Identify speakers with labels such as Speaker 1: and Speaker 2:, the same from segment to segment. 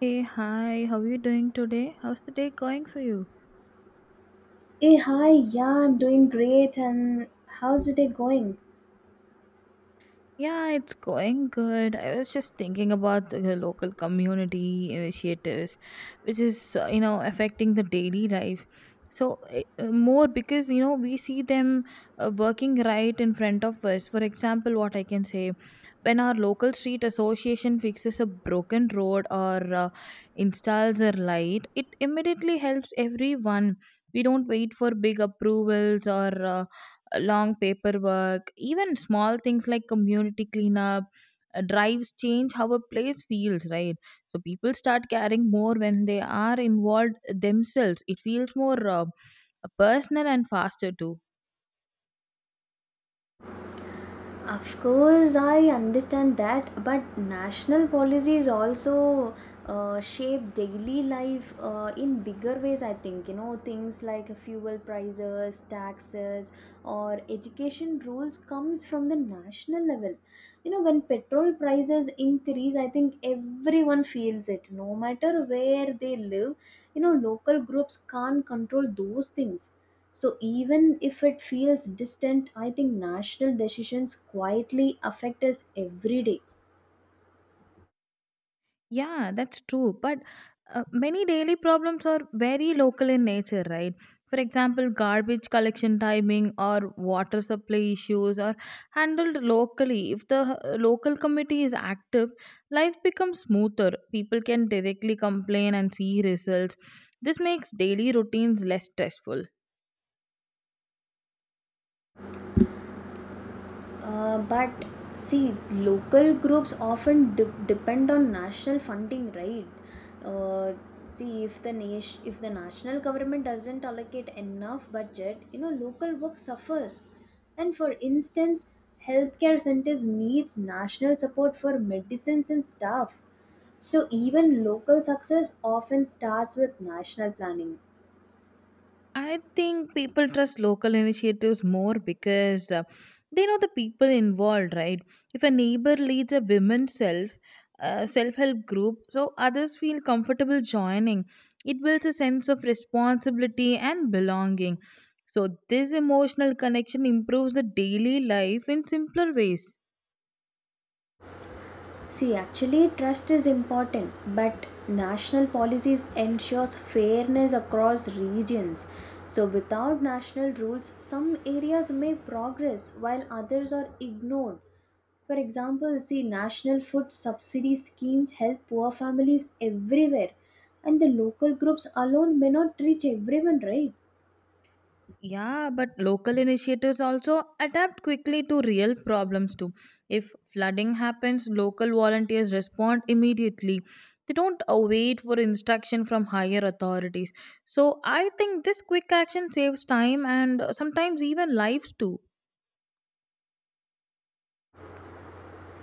Speaker 1: Hey, hi, how are you doing today? How's the day going for you?
Speaker 2: Hey, hi, yeah, I'm doing great, and how's the day going?
Speaker 1: Yeah, it's going good. I was just thinking about the local community initiatives, which is, affecting the daily life. So, more because, we see them working right in front of us. For example, what I can say when our local street association fixes a broken road or installs a light, it immediately helps everyone. We don't wait for big approvals or long paperwork. Even small things like community cleanup drives change how a place feels, right? So people start caring more when they are involved themselves. It feels more personal and faster too.
Speaker 2: Of course, I understand that, but national policies also shape daily life in bigger ways, I think. You know, things like fuel prices, taxes, or education rules comes from the national level. You know, when petrol prices increase, I think everyone feels it. No matter where they live, you know, local groups can't control those things. So even if it feels distant, I think national decisions quietly affect us every day.
Speaker 1: Yeah, that's true. But many daily problems are very local in nature, right? For example, garbage collection timing or water supply issues are handled locally. If the local committee is active, life becomes smoother. People can directly complain and see results. This makes daily routines less stressful.
Speaker 2: But see, local groups often depend on national funding, right? Uh, see, if if the national government doesn't allocate enough budget, you know, local work suffers. And for instance, healthcare centers needs national support for medicines and staff. So even local success often starts with national planning.
Speaker 1: I think people trust local initiatives more because they know the people involved, right? If a neighbor leads a women's self help group, so others feel comfortable joining. It builds a sense of responsibility and belonging. So this emotional connection improves the daily life in simpler ways.
Speaker 2: See, actually trust is important, but national policies ensures fairness across regions. So without national rules, some areas may progress while others are ignored. For example, see, national food subsidy schemes help poor families everywhere and the local groups alone may not reach everyone, right?
Speaker 1: Yeah, but local initiatives also adapt quickly to real problems too. If flooding happens, local volunteers respond immediately. They don't wait for instruction from higher authorities. So I think this quick action saves time and sometimes even lives too.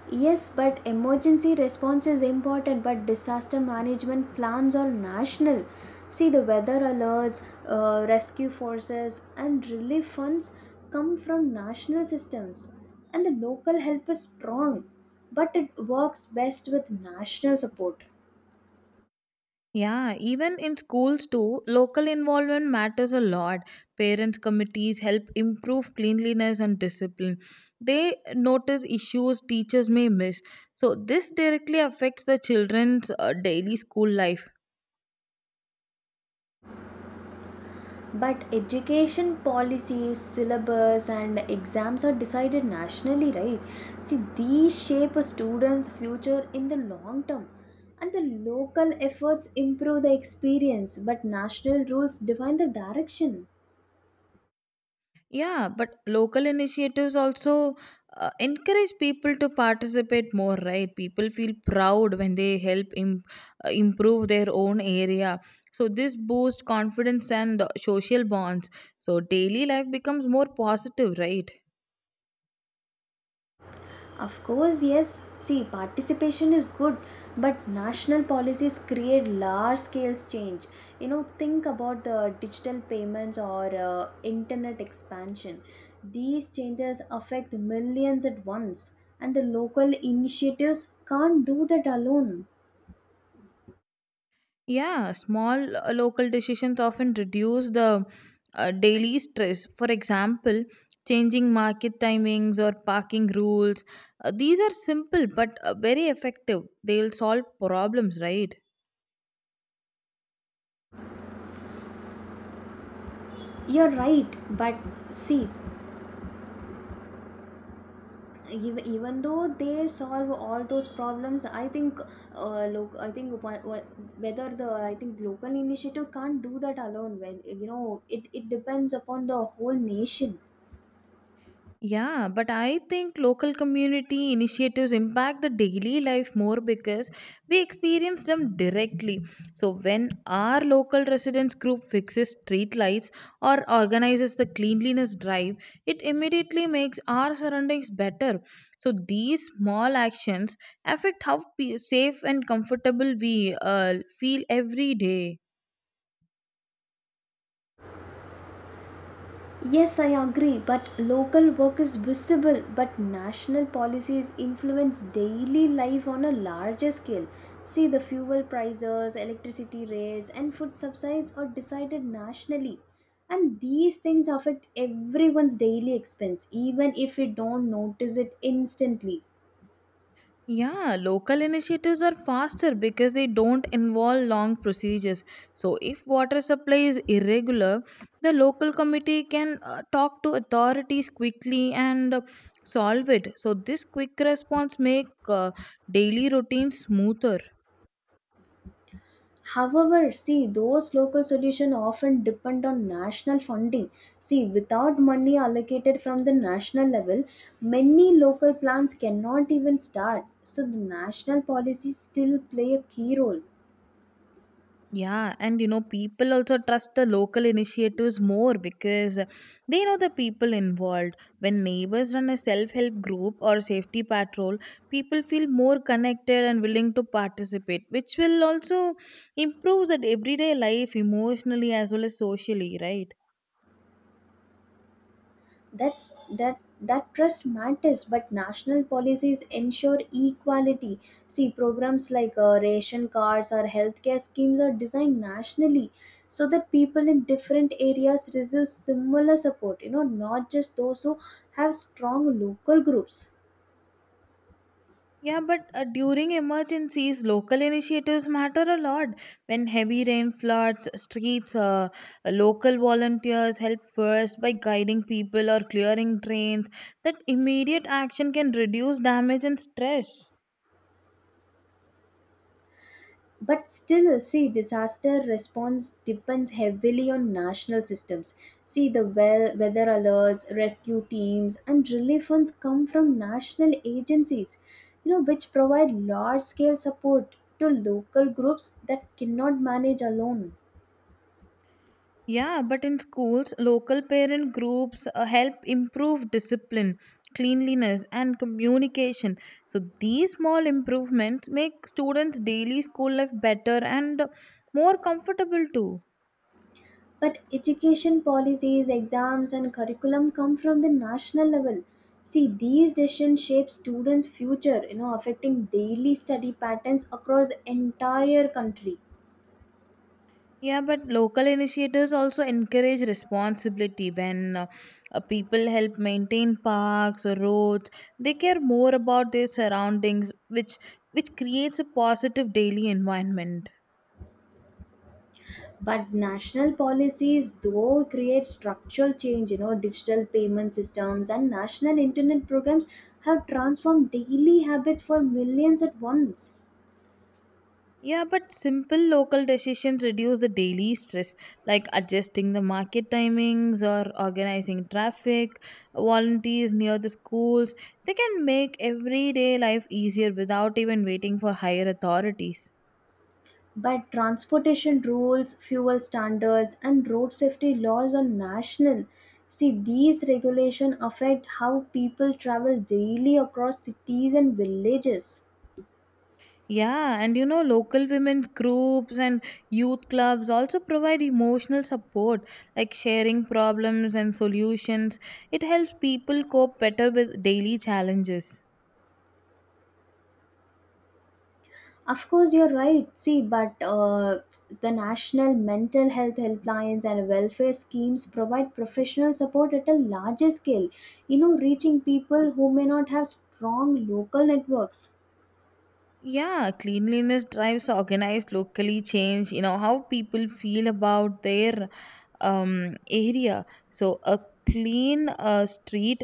Speaker 2: Yes, but emergency response is important, but disaster management plans are national. See, the weather alerts, rescue forces, and relief funds come from national systems, and the local help is strong, but it works best with national support.
Speaker 1: Yeah, even in schools too, local involvement matters a lot. Parents' committees help improve cleanliness and discipline. They notice issues teachers may miss. So this directly affects the children's daily school life.
Speaker 2: But education policies, syllabus, and exams are decided nationally, right? See, these shape a student's future in the long term. And the local efforts improve the experience, but national rules define the direction.
Speaker 1: Yeah, but local initiatives also encourage people to participate more, right? People feel proud when they help improve their own area. So this boosts confidence and social bonds. So daily life becomes more positive, right?
Speaker 2: Of course, yes. See, participation is good, but national policies create large scale change. You know, think about the digital payments or internet expansion. These changes affect millions at once, and the local initiatives can't do that alone.
Speaker 1: Yeah, small local decisions often reduce the daily stress. For example, changing market timings or parking rules. These are simple but very effective. They'll solve problems, right?
Speaker 2: You're right, but see, even though they solve all those problems, I think look I think wha- wha- whether the I think local initiative can't do that alone, well, you know it depends upon the whole nation.
Speaker 1: Yeah, but I think local community initiatives impact the daily life more because we experience them directly. So when our local residents group fixes street lights or organizes the cleanliness drive, it immediately makes our surroundings better. So these small actions affect how safe and comfortable we feel every day.
Speaker 2: Yes, I agree, but local work is visible, but national policies influence daily life on a larger scale. See, the fuel prices, electricity rates, and food subsidies are decided nationally. And these things affect everyone's daily expense, even if we don't notice it instantly.
Speaker 1: Yeah, local initiatives are faster because they don't involve long procedures. So if water supply is irregular, the local committee can talk to authorities quickly and solve it. So this quick response make daily routine smoother.
Speaker 2: However, see, those local solutions often depend on national funding. See, without money allocated from the national level, many local plans cannot even start. So, the national policies still play a key role.
Speaker 1: Yeah, and you know, people also trust the local initiatives more because they know the people involved. When neighbors run a self help group or safety patrol, people feel more connected and willing to participate, which will also improve that everyday life emotionally as well as socially, right?
Speaker 2: That's that trust matters, but national policies ensure equality. See, programs like ration cards or healthcare schemes are designed nationally so that people in different areas receive similar support, you know, not just those who have strong local groups.
Speaker 1: Yeah, but during emergencies, local initiatives matter a lot. When heavy rain floods streets, local volunteers help first by guiding people or clearing drains. That immediate action can reduce damage and stress.
Speaker 2: But still, see, disaster response depends heavily on national systems. See, the weather alerts, rescue teams, and relief funds come from national agencies, you know, which provide large-scale support to local groups that cannot manage alone.
Speaker 1: Yeah, but in schools, local parent groups help improve discipline, cleanliness, and communication. So these small improvements make students' daily school life better and more comfortable too.
Speaker 2: But education policies, exams, and curriculum come from the national level. See, these decisions shape students' future, you know, affecting daily study patterns across entire country.
Speaker 1: Yeah, but local initiators also encourage responsibility when people help maintain parks or roads. They care more about their surroundings, which creates a positive daily environment.
Speaker 2: But national policies though create structural change, you know, digital payment systems and national internet programs have transformed daily habits for millions at once.
Speaker 1: Yeah, but simple local decisions reduce the daily stress, like adjusting the market timings or organizing traffic. Volunteers near the schools, they can make everyday life easier without even waiting for higher authorities.
Speaker 2: But transportation rules, fuel standards, and road safety laws are national. See, these regulations affect how people travel daily across cities and villages.
Speaker 1: Yeah, and you know, local women's groups and youth clubs also provide emotional support, like sharing problems and solutions. It helps people cope better with daily challenges.
Speaker 2: Of course, you're right. See, but the national mental health helplines and welfare schemes provide professional support at a larger scale, you know, reaching people who may not have strong local networks.
Speaker 1: Yeah, cleanliness drives organized locally change, you know, how people feel about their area. So a clean street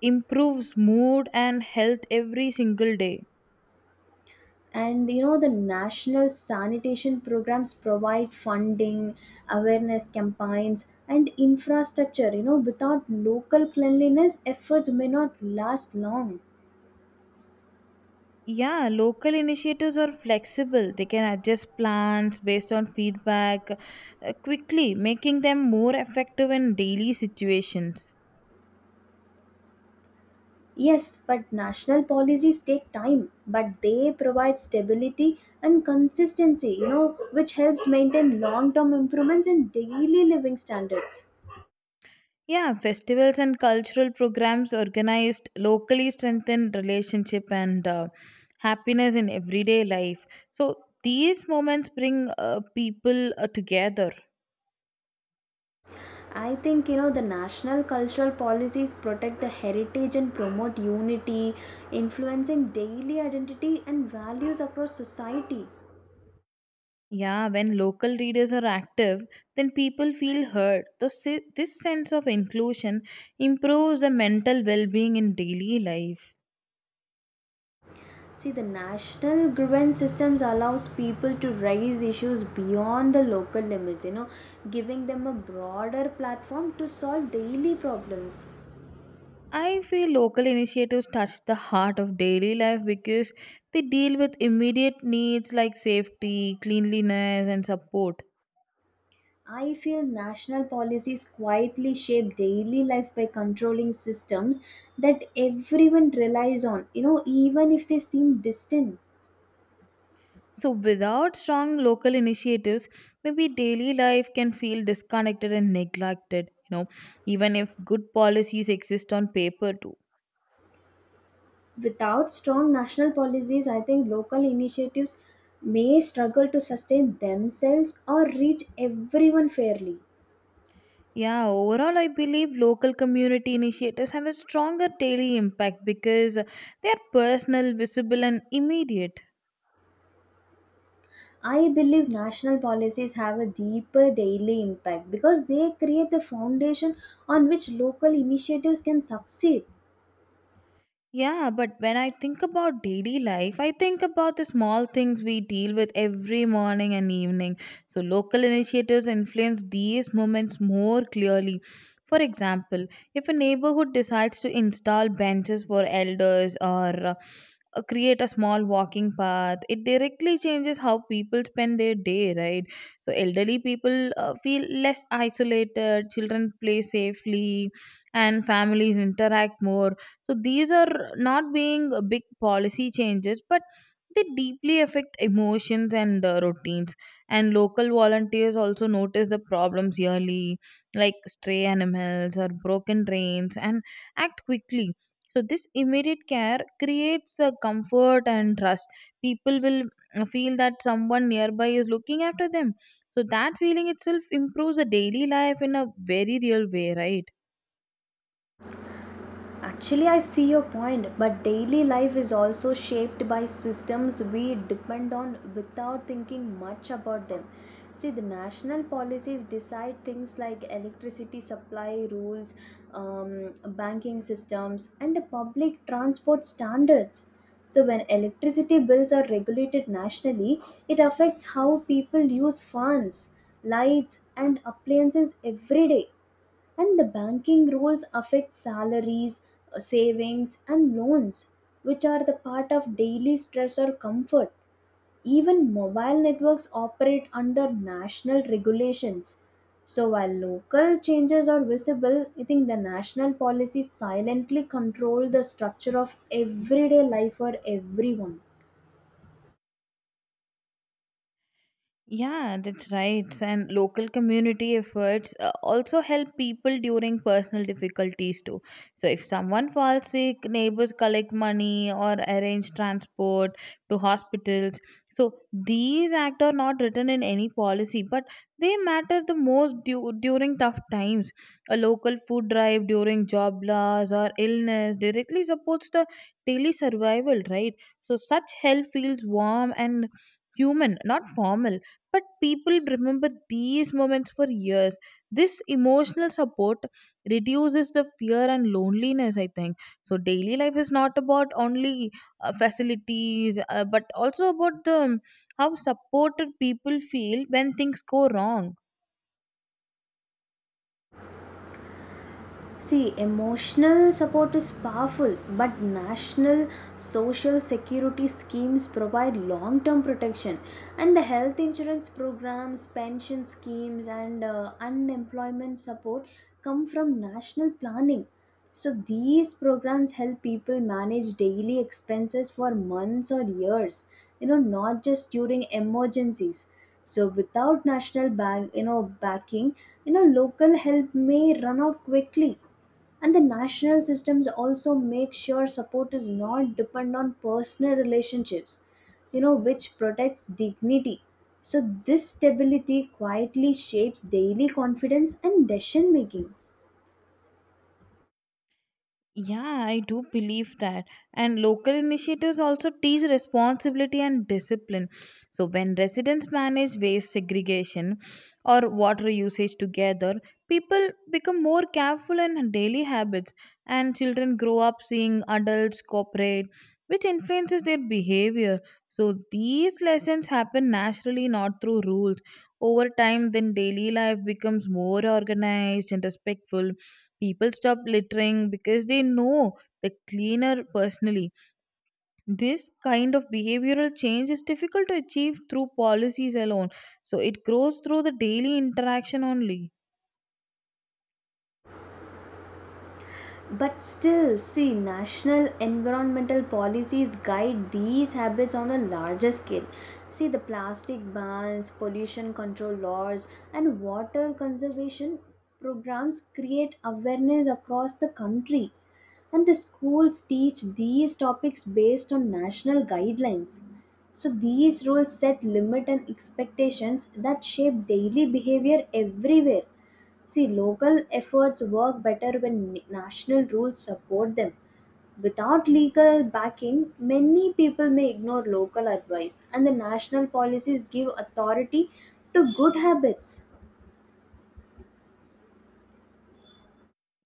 Speaker 1: improves mood and health every single day.
Speaker 2: And you know, the national sanitation programs provide funding, awareness campaigns, and infrastructure. You know, without local cleanliness, efforts may not last long.
Speaker 1: Yeah, local initiatives are flexible. They can adjust plans based on feedback quickly, making them more effective in daily situations.
Speaker 2: Yes, but national policies take time, but they provide stability and consistency, you know, which helps maintain long term improvements in daily living standards.
Speaker 1: Yeah, festivals and cultural programs organized locally strengthen relationship and happiness in everyday life. So these moments bring people together.
Speaker 2: I think, you know, the national cultural policies protect the heritage and promote unity, influencing daily identity and values across society.
Speaker 1: Yeah, when local readers are active, then people feel heard. So this sense of inclusion improves the mental well being in daily life.
Speaker 2: See, the national grievance systems allows people to raise issues beyond the local limits, you know, giving them a broader platform to solve daily problems.
Speaker 1: I feel local initiatives touch the heart of daily life because they deal with immediate needs like safety, cleanliness, and support.
Speaker 2: I feel national policies quietly shape daily life by controlling systems that everyone relies on, you know, even if they seem distant.
Speaker 1: So without strong local initiatives, maybe daily life can feel disconnected and neglected. You know, even if good policies exist on paper too.
Speaker 2: Without strong national policies, I think local initiatives may struggle to sustain themselves or reach everyone fairly.
Speaker 1: Yeah, overall, I believe local community initiatives have a stronger daily impact because they are personal, visible, and immediate.
Speaker 2: I believe national policies have a deeper daily impact because they create the foundation on which local initiatives can succeed.
Speaker 1: Yeah, but when I think about daily life, I think about the small things we deal with every morning and evening. So local initiatives influence these moments more clearly. For example, if a neighborhood decides to install benches for elders or create a small walking path, it directly changes how people spend their day, right? So elderly people feel less isolated, children play safely, and families interact more. So these are not being big policy changes, but they deeply affect emotions and routines. And local volunteers also notice the problems yearly, like stray animals or broken drains, and act quickly. So this immediate care creates a comfort and trust. People will feel that someone nearby is looking after them. So that feeling itself improves the daily life in a very real way, right?
Speaker 2: Actually, I see your point, but daily life is also shaped by systems we depend on without thinking much about them. See, the national policies decide things like electricity supply rules, um, banking systems, and the public transport standards. So, when electricity bills are regulated nationally, it affects how people use fans, lights, and appliances every day, and the banking rules affect salaries, savings, and loans, which are the part of daily stress or comfort. Even mobile networks operate under national regulations. So while local changes are visible, I think the national policies silently control the structure of everyday life for everyone.
Speaker 1: Yeah, that's right. And local community efforts also help people during personal difficulties too. So if someone falls sick, neighbors collect money or arrange transport to hospitals. So these acts are not written in any policy, but they matter the most during tough times. A local food drive during job loss or illness directly supports the daily survival, right? So such help feels warm and human, not formal, but people remember these moments for years. This emotional support reduces the fear and loneliness, I think. So daily life is not about only facilities, but also about the how supported people feel when things go wrong.
Speaker 2: See, emotional support is powerful, but national social security schemes provide long term protection, and the health insurance programs, pension schemes, and unemployment support come from national planning. So, these programs help people manage daily expenses for months or years, you know, not just during emergencies. So, without national bank, you know, backing, you know, local help may run out quickly, and the national systems also make sure support is not depend on personal relationships, you know, which protects dignity. So this stability quietly shapes daily confidence and decision making.
Speaker 1: Yeah, I do believe that. And local initiatives also teach responsibility and discipline. So when residents manage waste segregation or water usage together, people become more careful in daily habits, and children grow up seeing adults cooperate, which influences their behavior. So these lessons happen naturally, not through rules. Over time, then daily life becomes more organized and respectful. People stop littering because they know the cleaner personally. This kind of behavioral change is difficult to achieve through policies alone, so it grows through the daily interaction only.
Speaker 2: But still, see, national environmental policies guide these habits on a larger scale. See, the plastic bans, pollution control laws, and water conservation programs create awareness across the country. And the schools teach these topics based on national guidelines. So, these rules set limit and expectations that shape daily behavior everywhere. See, local efforts work better when national rules support them. Without legal backing, many people may ignore local advice, and the national policies give authority to good habits.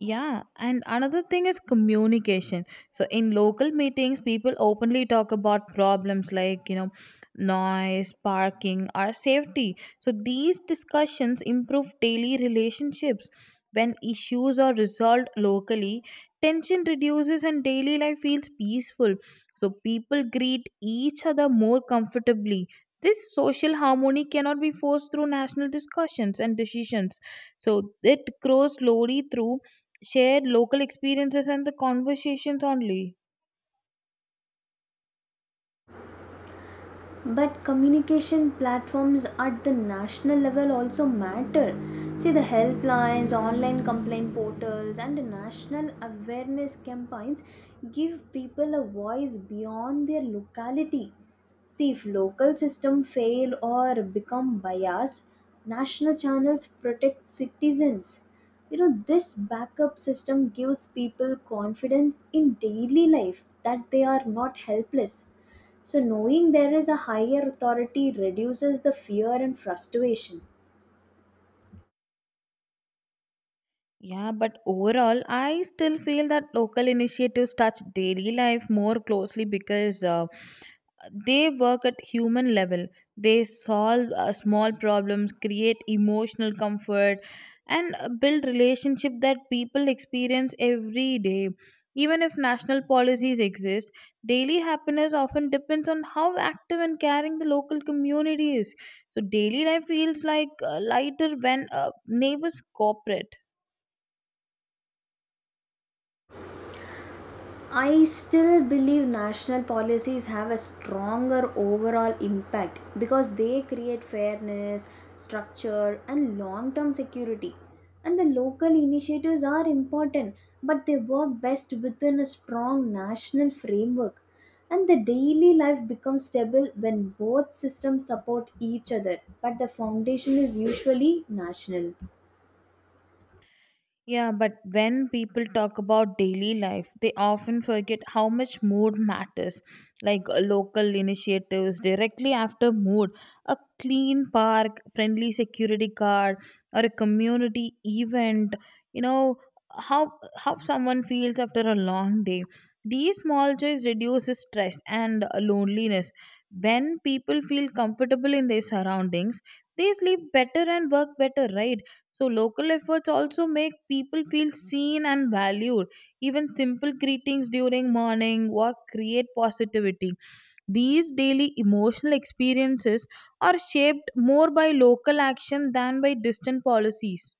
Speaker 1: Yeah, and another thing is communication. So in local meetings, people openly talk about problems like, you know, noise, parking, or safety. So these discussions improve daily relationships. When issues are resolved locally, tension reduces and daily life feels peaceful. So people greet each other more comfortably. This social harmony cannot be forced through national discussions and decisions. So it grows slowly through shared local experiences and the conversations only.
Speaker 2: But communication platforms at the national level also matter. See, the helplines, online complaint portals, and national awareness campaigns give people a voice beyond their locality. See, if local system fail or become biased, national channels protect citizens. You know, this backup system gives people confidence in daily life that they are not helpless. So, knowing there is a higher authority reduces the fear and frustration.
Speaker 1: Yeah, but overall, I still feel that local initiatives touch daily life more closely because they work at human level. They solve small problems, create emotional comfort, and build relationship that people experience every day. Even if national policies exist, daily happiness often depends on how active and caring the local community is. So daily life feels like lighter when neighbors cooperate.
Speaker 2: I still believe national policies have a stronger overall impact because they create fairness, structure, and long term security. And the local initiatives are important, but they work best within a strong national framework. And the daily life becomes stable when both systems support each other, but the foundation is usually national.
Speaker 1: Yeah, but when people talk about daily life, they often forget how much mood matters. Like local initiatives directly after mood, a clean park, friendly security guard, or a community event. You know how someone feels after a long day. These small joys reduces stress and loneliness. When people feel comfortable in their surroundings, they sleep better and work better, right? So local efforts also make people feel seen and valued. Even simple greetings during morning walk create positivity. These daily emotional experiences are shaped more by local action than by distant policies.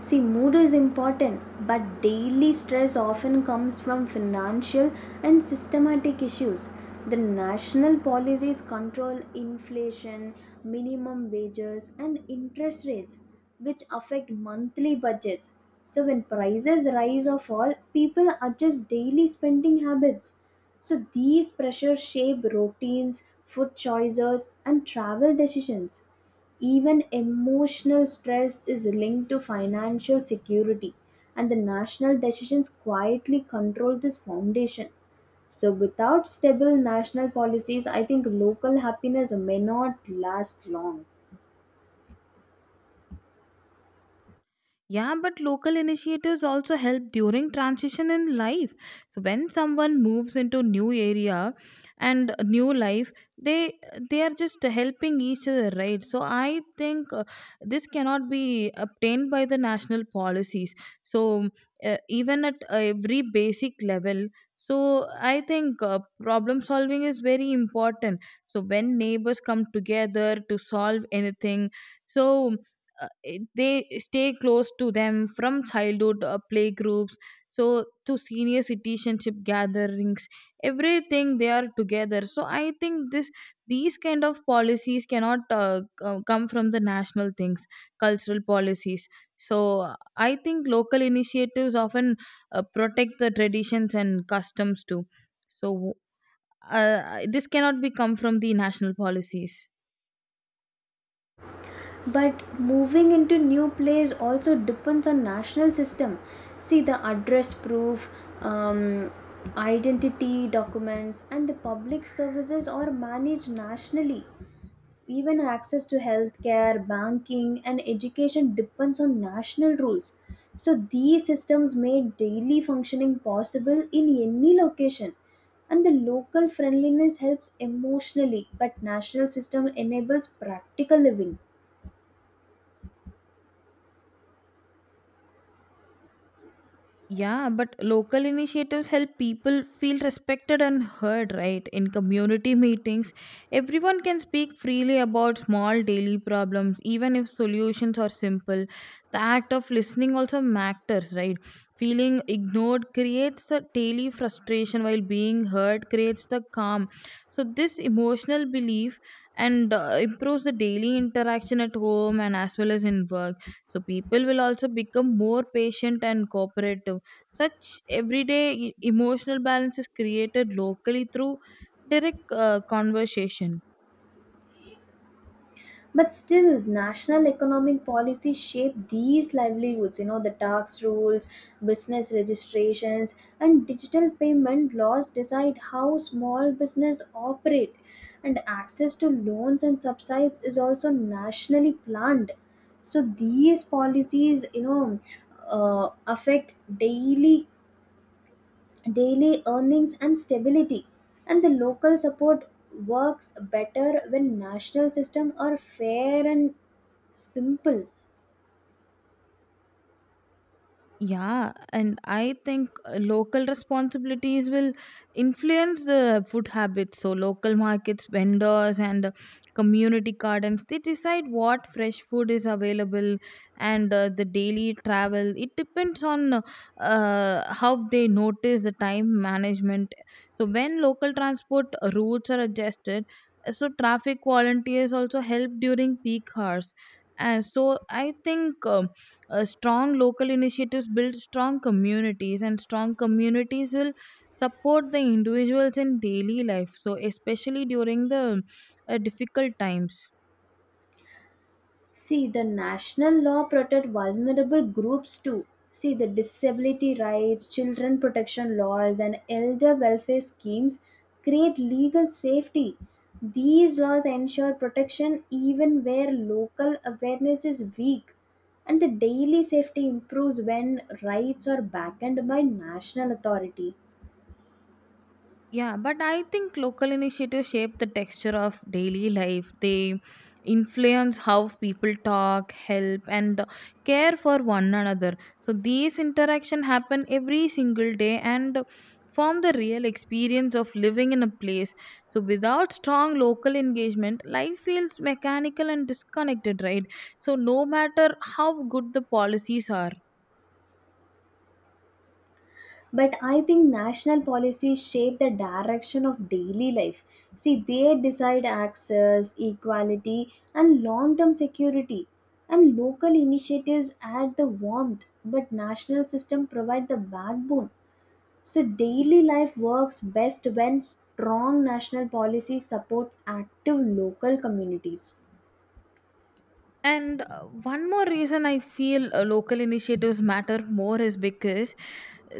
Speaker 2: See, mood is important, but daily stress often comes from financial and systematic issues. The national policies control inflation, minimum wages, and interest rates, which affect monthly budgets. So, when prices rise or fall, people adjust daily spending habits. So, these pressures shape routines, food choices, and travel decisions. Even emotional stress is linked to financial security, and the national decisions quietly control this foundation. So, without stable national policies, I think local happiness may not last long.
Speaker 1: Yeah, but local initiatives also help during transition in life. So when someone moves into new area and new life, they they are just helping each other, right? So I think this cannot be obtained by the national policies. So even at every basic level, so I think problem solving is very important. So when neighbors come together to solve anything, so uh, they stay close to them from childhood play groups, so to senior citizenship gatherings, everything they are together. So I think this these kind of policies cannot come from the national things, cultural policies. So uh, I think local initiatives often protect the traditions and customs too. So uh, this cannot be come from the national policies.
Speaker 2: But moving into new place also depends on national system. See the address proof, um, identity documents, and the public services are managed nationally. Even access to healthcare, banking, and education depends on national rules. So these systems make daily functioning possible in any location. And the local friendliness helps emotionally, but national system enables practical living.
Speaker 1: Yeah, but local initiatives help people feel respected and heard, right? In community meetings, everyone can speak freely about small daily problems, even if solutions are simple. The act of listening also matters, right? Feeling ignored creates the daily frustration, while being heard creates the calm. So this emotional belief and improves the daily interaction at home and as well as in work. So people will also become more patient and cooperative. Such everyday emotional balance is created locally through direct conversation.
Speaker 2: But still, national economic policies shape these livelihoods, you know, the tax rules, business registrations, and digital payment laws decide how small business operate. And access to loans and subsidies is also nationally planned. So these policies, you know, affect daily earnings and stability, and the local support works better when national system are fair and simple.
Speaker 1: Yeah, and I think local responsibilities will influence the food habits. So local markets, vendors, and community gardens, they decide what fresh food is available, and the daily travel. It depends on how they notice the time management. So when local transport routes are adjusted, so traffic volunteers also help during peak hours. And so I think. Strong local initiatives build strong communities, and strong communities will support the individuals in daily life. So especially during the difficult times.
Speaker 2: See, the national law protect vulnerable groups too. See, the disability rights, children protection laws, and elder welfare schemes create legal safety. These laws ensure protection even where local awareness is weak, and the daily safety improves when rights are backed by national authority.
Speaker 1: Yeah, but I think local initiatives shape the texture of daily life. They influence how people talk, help, and care for one another. So these interaction happen every single day and form the real experience of living in a place. So without strong local engagement, life feels mechanical and disconnected, right? So no matter how good the policies are.
Speaker 2: But I think national policies shape the direction of daily life. See, they decide access, equality, and long term security. And local initiatives add the warmth, but national system provide the backbone. So daily life works best when strong national policies support active local communities.
Speaker 1: And one more reason I feel local initiatives matter more is because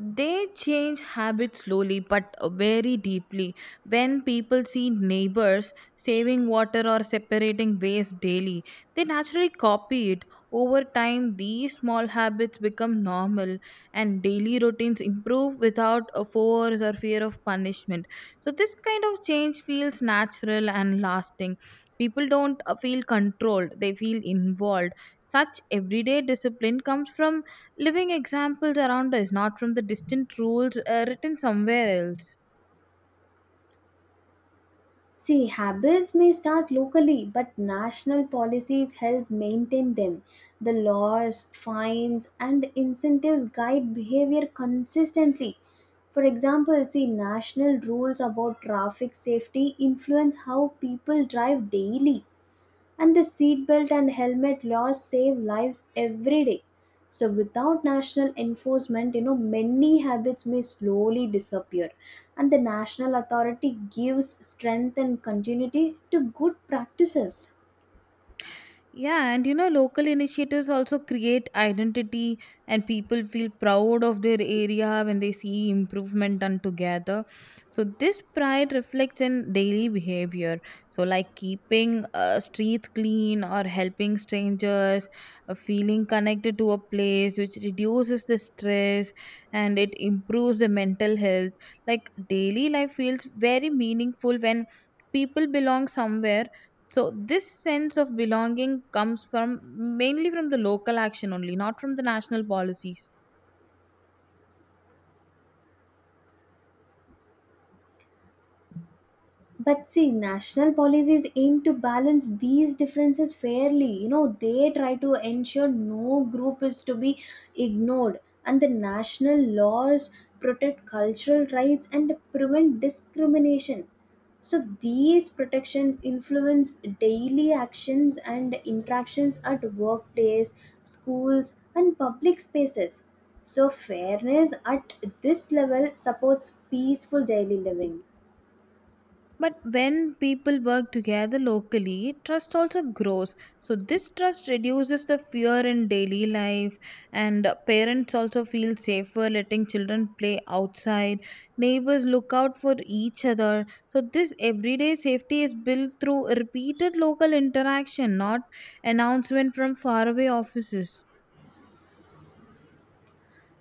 Speaker 1: they change habits slowly but very deeply. When people see neighbors saving water or separating waste daily, they naturally copy it. Over time, these small habits become normal and daily routines improve without a force or fear of punishment. So this kind of change feels natural and lasting. People don't feel controlled, they feel involved. Such everyday discipline comes from living examples around us, not from the distant rules written somewhere else.
Speaker 2: See, habits may start locally, but national policies help maintain them. The laws, fines, and incentives guide behavior consistently. For example, see, national rules about traffic safety influence how people drive daily, and the seatbelt and helmet laws save lives every day. So, without national enforcement, you know, many habits may slowly disappear, and the national authority gives strength and continuity to good practices.
Speaker 1: Yeah, and you know, local initiatives also create identity, and people feel proud of their area when they see improvement done together. So this pride reflects in daily behavior. So like keeping streets clean or helping strangers, feeling connected to a place, which reduces the stress and it improves the mental health. Like daily life feels very meaningful when people belong somewhere. So this sense of belonging comes from mainly from the local action only, not from the national policies.
Speaker 2: But see, national policies aim to balance these differences fairly. You know, they try to ensure no group is to be ignored, and the national laws protect cultural rights and prevent discrimination. So, these protections influence daily actions and interactions at workdays, schools, and public spaces. So, fairness at this level supports peaceful daily living.
Speaker 1: But when people work together locally, trust also grows. So this trust reduces the fear in daily life, and parents also feel safer letting children play outside. Neighbors look out for each other. So this everyday safety is built through repeated local interaction, not announcement from faraway offices.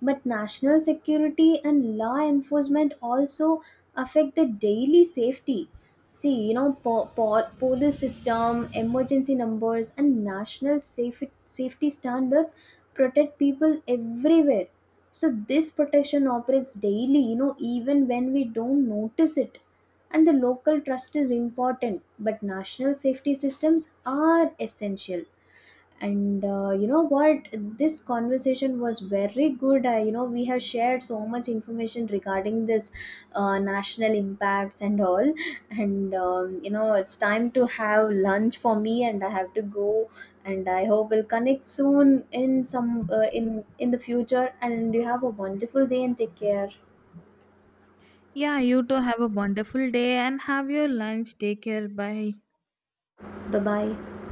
Speaker 2: But national security and law enforcement also affect the daily safety. See, you know, police system, emergency numbers, and national safety standards protect people everywhere. So this protection operates daily, you know, even when we don't notice it, and the local trust is important, but national safety systems are essential. And you know what, this conversation was very good. You know, we have shared so much information regarding this national impacts and all. And you know, it's time to have lunch for me and I have to go, and I hope we'll connect soon in some in the future, and you have a wonderful day and take care.
Speaker 1: Yeah, you too have a wonderful day and have your lunch. Take care. Bye.
Speaker 2: Bye bye.